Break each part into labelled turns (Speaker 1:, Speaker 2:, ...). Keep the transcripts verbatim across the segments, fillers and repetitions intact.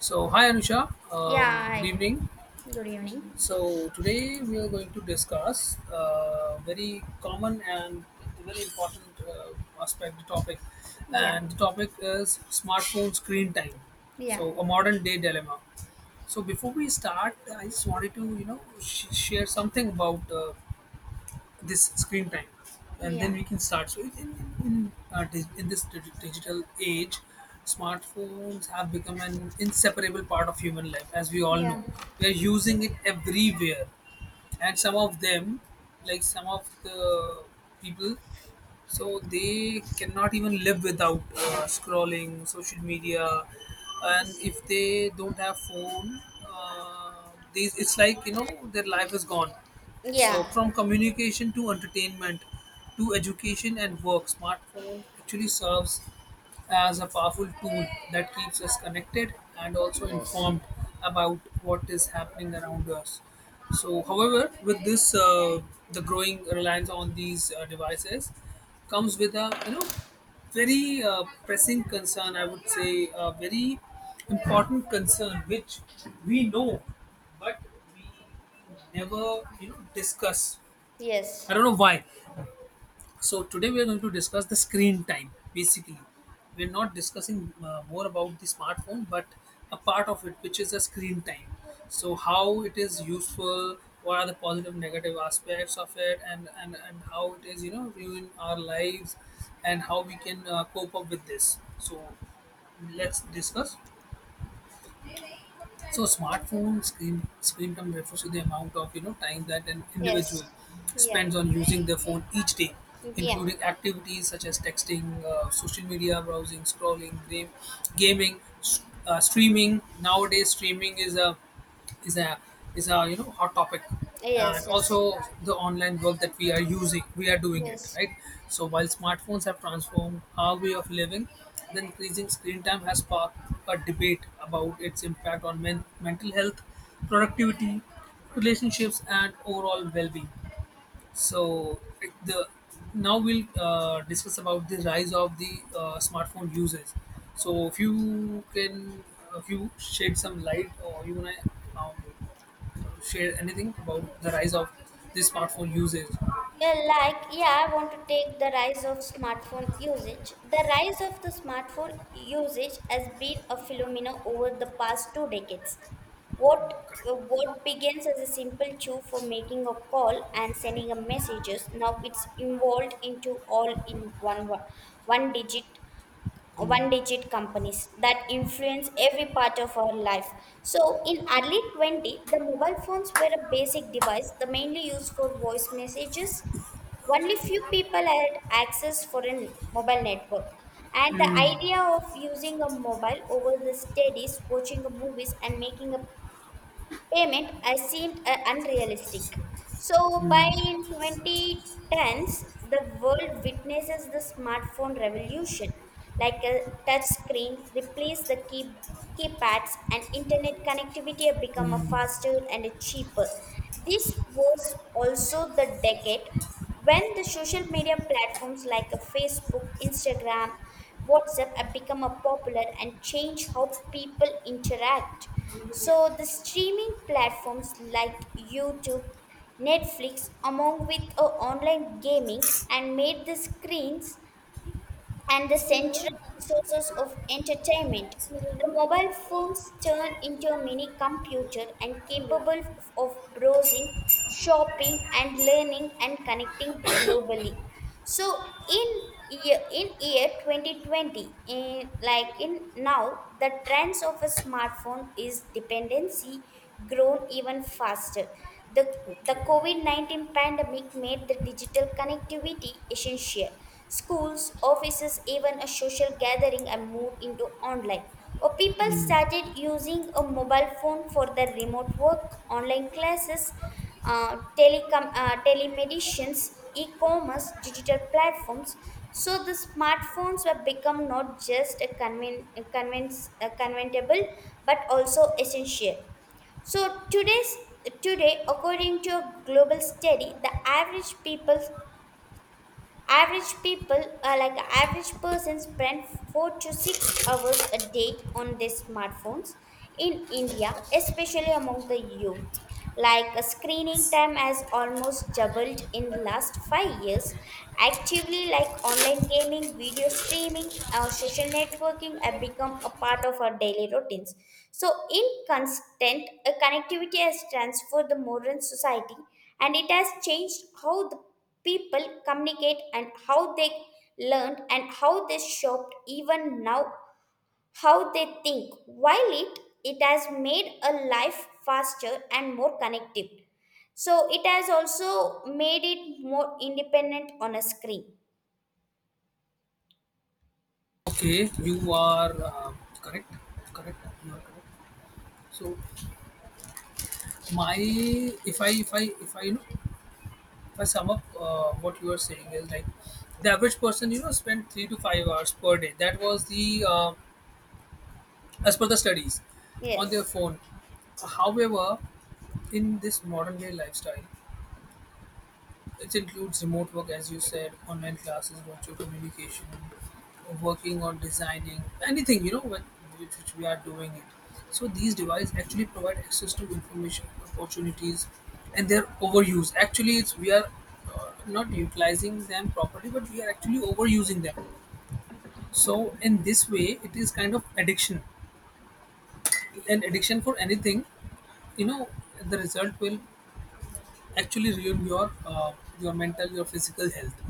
Speaker 1: So, hi Anusha, um, good
Speaker 2: Yeah, hi.
Speaker 1: evening.
Speaker 2: Good evening.
Speaker 1: So, today we are going to discuss a very common and very important uh, aspect, the topic.
Speaker 2: Yeah,
Speaker 1: And the topic is smartphone screen time.
Speaker 2: yeah,
Speaker 1: So, a modern day dilemma. So, before we start, I just wanted to, you know, sh- share something about uh, this screen time, and then
Speaker 2: yeah,
Speaker 1: we can start. So in, in, in, uh, dig- in this dig- digital age, smartphones have become an inseparable part of human life. As we all know,
Speaker 2: yeah.
Speaker 1: we are using it everywhere, and some of them, like some of the people, so they cannot even live without uh, scrolling social media. And if they don't have phone, uh, these, it's like you know their life is gone. So
Speaker 2: Yeah,
Speaker 1: from communication to entertainment to education and work, smartphones actually serves as a powerful tool that keeps us connected and also
Speaker 2: yes,
Speaker 1: informed about what is happening around us. So, however, with this, uh, the growing reliance on these uh, devices comes with a you know very uh, pressing concern. I would say a very important concern, which we know, but we never you know discuss.
Speaker 2: yes,
Speaker 1: I don't know why. So today we are going to discuss the screen time. Basically, we are not discussing uh, more about the smartphone, but a part of it, which is the screen time. So how it is useful, what are the positive, negative aspects of it, and and and how it is you know ruin our lives, and how we can uh, cope up with this. So let's discuss. So smartphone screen screen time refers to the amount of you know time that an
Speaker 2: yes,
Speaker 1: individual
Speaker 2: yeah,
Speaker 1: spends on using their phone each day,
Speaker 2: yeah,
Speaker 1: including activities such as texting, uh, social media browsing, scrolling, game, gaming, s- uh, streaming. Nowadays, streaming is a is a is a you know hot topic,
Speaker 2: yes,
Speaker 1: and also
Speaker 2: yes,
Speaker 1: the online work that we are using, we are doing it,
Speaker 2: yes.
Speaker 1: right? So while smartphones have transformed our way of living, the increasing screen time has sparked a debate about its impact on men- mental health, productivity, relationships and overall well-being. So it- the now we'll uh, discuss about the rise of the uh, smartphone users. So if you can, uh, if you shed some light, or you wanna um, share anything about the rise of the smartphone usage.
Speaker 2: Yeah, like, yeah, I want to take the rise of smartphone usage. The rise of the smartphone usage has been a phenomena over the past two decades. What what begins as a simple tool for making a call and sending a messages, now it's evolved into all in one wo- one digit one digit companies that influence every part of our life. So in early twenty, the mobile phones were a basic device, the mainly used for voice messages, only few people had access for a mobile network, and the idea of using a mobile over the studies, watching a movies, and making a payment uh, seemed uh, unrealistic. So by twenty tens, the world witnesses the smartphone revolution, like a touch screen replaced the key keypads and internet connectivity have become a faster and a cheaper. This was also the decade when the social media platforms like a Facebook, Instagram, WhatsApp have become a popular and change how people interact. So the streaming platforms like YouTube, Netflix, among with uh, online gaming and made the screens and the
Speaker 1: It's me
Speaker 2: central
Speaker 1: alone.
Speaker 2: resources of entertainment.
Speaker 1: It's me
Speaker 2: The
Speaker 1: alone.
Speaker 2: mobile phones turn into a mini computer and
Speaker 1: Come
Speaker 2: capable of of browsing,
Speaker 1: on.
Speaker 2: shopping, and learning and connecting globally. So in year, in year twenty twenty, in, like in now, the trends of a smartphone is dependency grown even faster. The the
Speaker 1: Okay,
Speaker 2: COVID nineteen pandemic made the digital connectivity essential. Schools, offices, even a social gathering are moved into online. Or people started using a mobile phone for their remote work, online classes, uh, telecom, uh, telemedicines, e-commerce, digital platforms. So the smartphones have become not just a, conven- a, convince- a conventable, but also essential. So today's today, according to a global study, the average people Average people, uh, like average person, spend four to six hours a day on their smartphones in India, especially among the youth. Like uh, screening time has almost doubled in last five years. Actively, like online gaming, video streaming, or social networking have become a part of our daily routines. So, in constant, uh, connectivity has transformed the modern society, and it has changed how the people communicate and how they learned and how they shoped even now how they think while it it has made a life faster and more connected, so it has also made it more independent on a screen.
Speaker 1: okay, you are uh, correct, correct, you are correct. So my, if I, if I, if I, you know, if I sum up uh, what you are saying is like the average person, you know, spent three to five hours per day. That was the uh, as per the studies on their
Speaker 2: Yes,
Speaker 1: phone. However, in this modern day lifestyle, it includes remote work, as you said, online classes, virtual communication, working on designing, anything you know what, which, which we are doing it. So these devices actually provide access to information, opportunities, and their overuse. Actually, it's we are uh, not utilizing them properly, but we are actually overusing them. So in this way, it is kind of addiction, an addiction. For anything, you know, the result will actually ruin your uh, your mental, your physical health.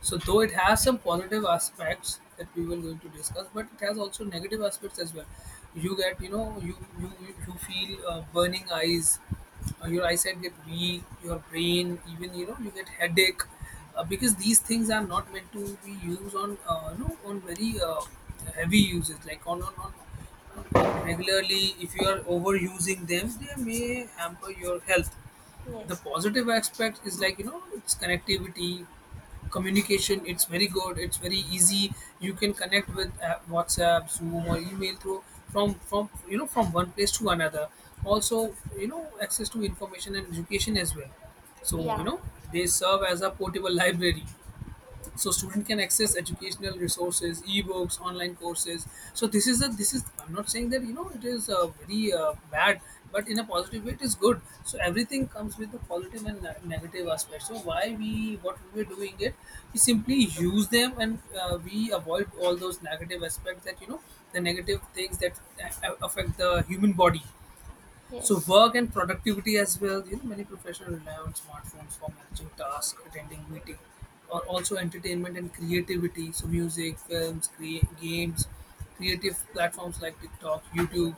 Speaker 1: So though it has some positive aspects that we were going to discuss, but it has also negative aspects as well. You get, you know, you you, you feel uh, burning eyes, uh, your eyesight get weak, your brain, even you know you get headache, uh, because these things are not meant to be used on, uh, you know, on very uh, heavy uses like on on, on on on regularly. If you are overusing them, they may hamper your health. The
Speaker 2: yes,
Speaker 1: positive aspect is like, you know, it's connectivity, communication. It's very good, it's very easy. You can connect with uh, WhatsApp, Zoom or email through, from from you know from one place to another. Also, you know, access to information and education as well. So, you
Speaker 2: yeah,
Speaker 1: know, they serve as a portable library, so student can access educational resources, ebooks, online courses. So this is a, this is, I'm not saying that you know it is uh, very uh, bad, but in a positive way it is good. So everything comes with the positive and ne- negative aspect. So why we what we were doing it, we simply use them, and uh, we avoid all those negative aspects, that you know, the negative things that a- a- affect the human body. So
Speaker 2: yes,
Speaker 1: work and productivity as well. You know, many professionals rely on smartphones for managing tasks, attending meetings, or also entertainment and creativity. So music, films, crea- games, creative platforms like TikTok, YouTube.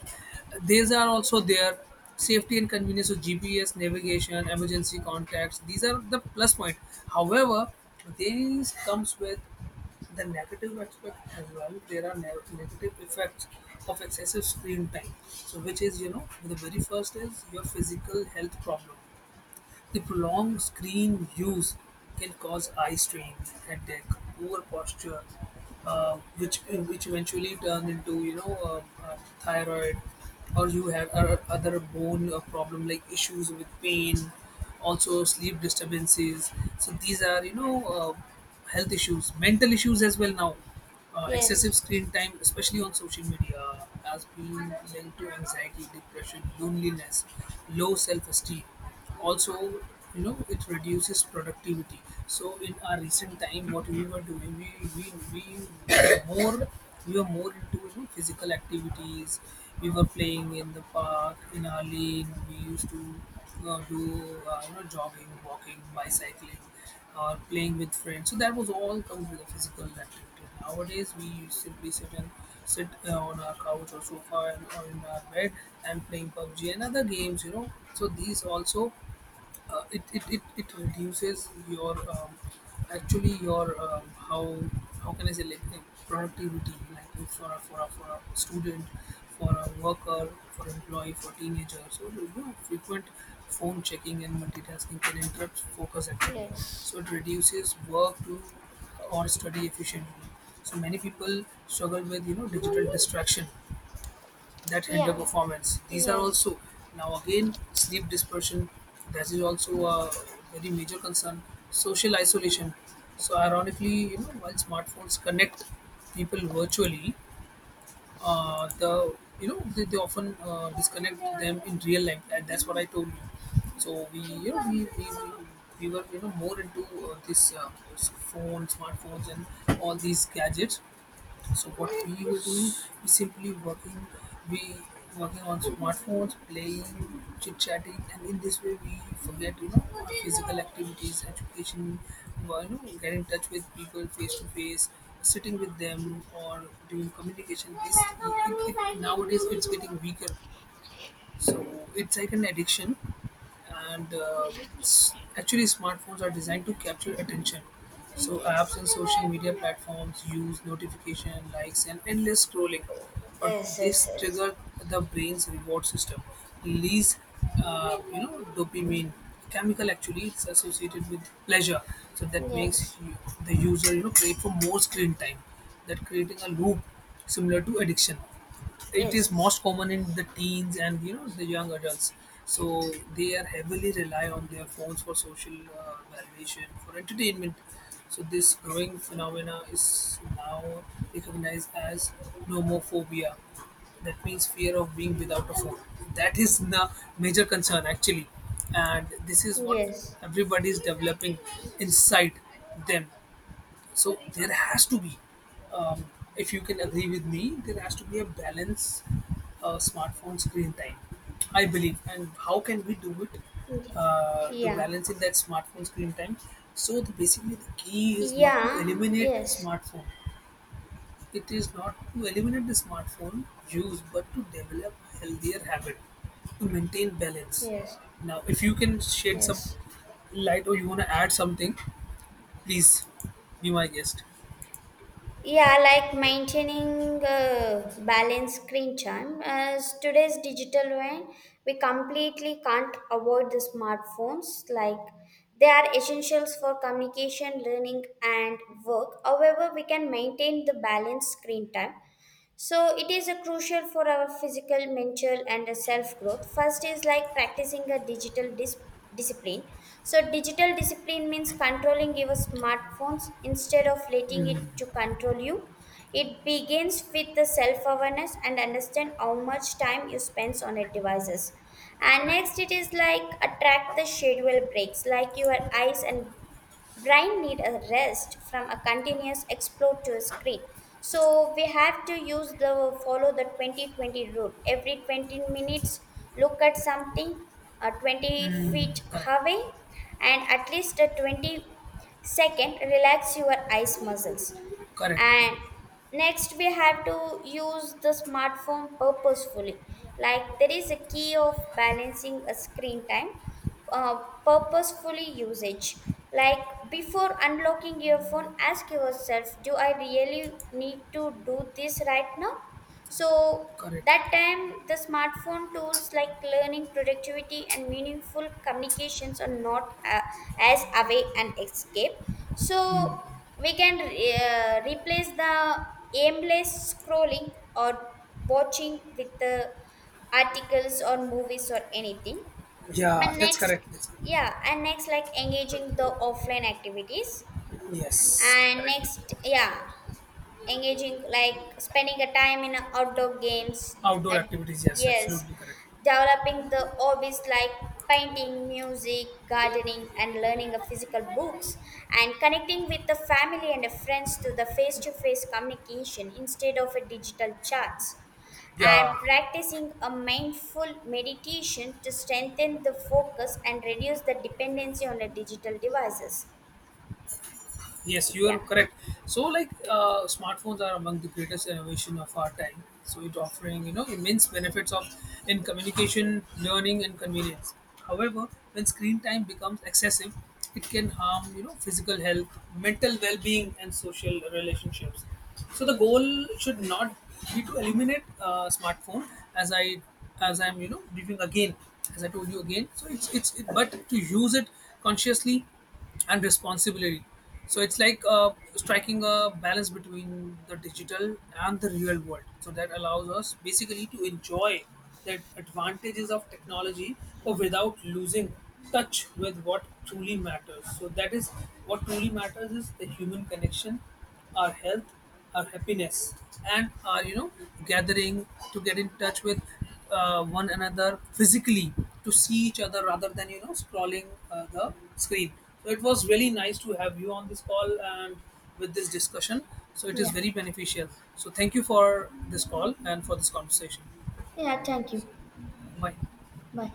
Speaker 1: These are also there. Safety and convenience. So G P S, navigation, emergency contacts. These are the plus point. However, these comes with the negative aspect as well. There are ne- negative effects of excessive screen time. So, which is, you know, the very first is your physical health problem. The prolonged screen use can cause eye strain, headache, poor posture, uh, which which eventually turn into you know uh, uh, thyroid, or you have uh, other bone uh, problem, like issues with pain, also sleep disturbances. So these are you know uh, health issues, mental issues as well now. Uh, excessive
Speaker 2: yes,
Speaker 1: screen time, especially on social media, has been linked to anxiety, depression, loneliness, low self-esteem. Also, you know, it reduces productivity. So in our recent time, what we were doing, we we, we were more, we were more into, you know, physical activities. We were playing in the park, in our lane. We used to uh, do uh, you know jogging, walking, bicycling, or playing with friends. So that was all comes with the physical activity. Nowadays we simply sit and sit uh, on our couch or sofa, and or in our bed, and playing pub g and other games, you know. So these also, uh, it, it, it, it reduces your um, actually your um, how how can I say, like, the productivity. Like if for a, for a, for a student, for a worker, for employee, for teenager, so you know, frequent phone checking and multitasking can interrupt focus activity.
Speaker 2: yes,
Speaker 1: So it reduces work to or study efficiently. So many people struggle with, you know, digital distraction that hinder
Speaker 2: yeah,
Speaker 1: performance. These are
Speaker 2: yes,
Speaker 1: also. Now again, sleep dispersion, that is also a very major concern. Social isolation. So ironically, you know, while smartphones connect people virtually, uh, the you know they, they often uh, disconnect them in real life, and that's what I told you. So we you know we, we, we we were you know more into uh, this uh, phone, smartphones, and all these gadgets. So what we were doing, we simply working, we working on smartphones, playing, chit chatting, and in this way we forget you know our physical activities, education, well, you know, get in touch with people face to face, sitting with them or doing communication. This it, it, nowadays it's getting weaker. So it's like an addiction, and uh, s- actually smartphones are designed to capture attention. So apps
Speaker 2: yes,
Speaker 1: and social media platforms use notification, likes and endless scrolling. But
Speaker 2: yes,
Speaker 1: this
Speaker 2: yes, yes,
Speaker 1: trigger the brain's reward system, release uh, you know dopamine chemical. Actually, it's associated with pleasure. So that makes you, the user you know, crave for more screen time. That creating a loop similar to addiction. It is
Speaker 2: yes,
Speaker 1: most common in the teens and you know the young adults. So they are heavily rely on their phones for social uh, validation, for entertainment. So this growing phenomena is now recognized as nomophobia, that means fear of being without a phone. That is the major concern actually, and this is what
Speaker 2: yes,
Speaker 1: everybody is developing inside them. So there has to be, um, if you can agree with me, there has to be a balance uh, smartphone screen time, I believe. And how can we do it,
Speaker 2: yes,
Speaker 1: uh, to
Speaker 2: yeah.
Speaker 1: balance in that smartphone screen time? So the, basically, the key is not to
Speaker 2: Yeah,
Speaker 1: eliminate
Speaker 2: yes,
Speaker 1: smartphone. It is not to eliminate the smartphone use, but to develop a healthier habit to maintain balance.
Speaker 2: yes,
Speaker 1: Now, if you can shed some
Speaker 2: yes.
Speaker 1: light or you want to add something, please be my guest.
Speaker 2: Yeah, like maintaining a balanced screen time. As today's digital way, we completely can't avoid the smartphones. Like they are essentials for communication, learning, and work. However, we can maintain the balanced screen time, so it is a crucial for our physical, mental, and self growth. First is like practicing a digital dis- discipline. So digital discipline means controlling your smartphones instead of letting it to control you. It begins with the self awareness and understand how much time you spend on your devices. And
Speaker 1: Correct.
Speaker 2: next, it is like attract the schedule breaks, like your eyes and brain need a rest from a continuous explore to a screen, so we have to use the follow the twenty twenty rule, every twenty minutes look at something uh, twenty feet
Speaker 1: Correct.
Speaker 2: away and at least a twenty second relax your eyes muscles.
Speaker 1: Correct.
Speaker 2: And next we have to use the smartphone purposefully, like there is a key of balancing a screen time, uh, purposefully usage, like before unlocking your phone ask yourself, do I really need to do this right now? So
Speaker 1: Correct.
Speaker 2: that time, the smartphone tools like learning, productivity, and meaningful communications are not uh, as away and escape. So we can uh, replace the aimless scrolling or watching with the articles or movies or anything.
Speaker 1: Yeah,
Speaker 2: And
Speaker 1: that's
Speaker 2: next,
Speaker 1: correct. That's.
Speaker 2: yeah, and next like engaging the offline activities.
Speaker 1: Yes,
Speaker 2: And
Speaker 1: correct.
Speaker 2: next, yeah, engaging like spending a time in a outdoor games
Speaker 1: Outdoor
Speaker 2: at,
Speaker 1: activities. Yes,
Speaker 2: yes,
Speaker 1: absolutely correct.
Speaker 2: developing the hobbies like painting, music, gardening and learning of physical books, and connecting with the family and the friends through the face-to-face communication instead of a digital chats, and
Speaker 1: Yeah.
Speaker 2: practicing a mindful meditation to strengthen the focus and reduce the dependency on the digital devices.
Speaker 1: Yes, you are
Speaker 2: Yeah,
Speaker 1: correct. So, like, uh, smartphones are among the greatest innovation of our time. So, it offering you know immense benefits of in communication, learning, and convenience. However, when screen time becomes excessive, it can harm you know physical health, mental well-being, and social relationships. So, the
Speaker 2: yes.
Speaker 1: goal should not be to eliminate uh, smartphone, as I, as I'm you know briefing again, as I told you again. So, it's it's it, but to use it consciously and responsibility. So it's like uh, striking a balance between the digital and the real world. So that allows us basically to enjoy the advantages of technology, but without losing touch with what truly matters. So that is what truly matters is the human connection, our health, our happiness and our you know gathering to get in touch with uh, one another physically, to see each other rather than you know scrolling uh, the screen. So it was really nice to have you on this call and with this discussion, so it is
Speaker 2: Yeah.
Speaker 1: very beneficial. So thank you for this call and for this conversation.
Speaker 2: Yeah, thank you.
Speaker 1: Bye.
Speaker 2: Bye.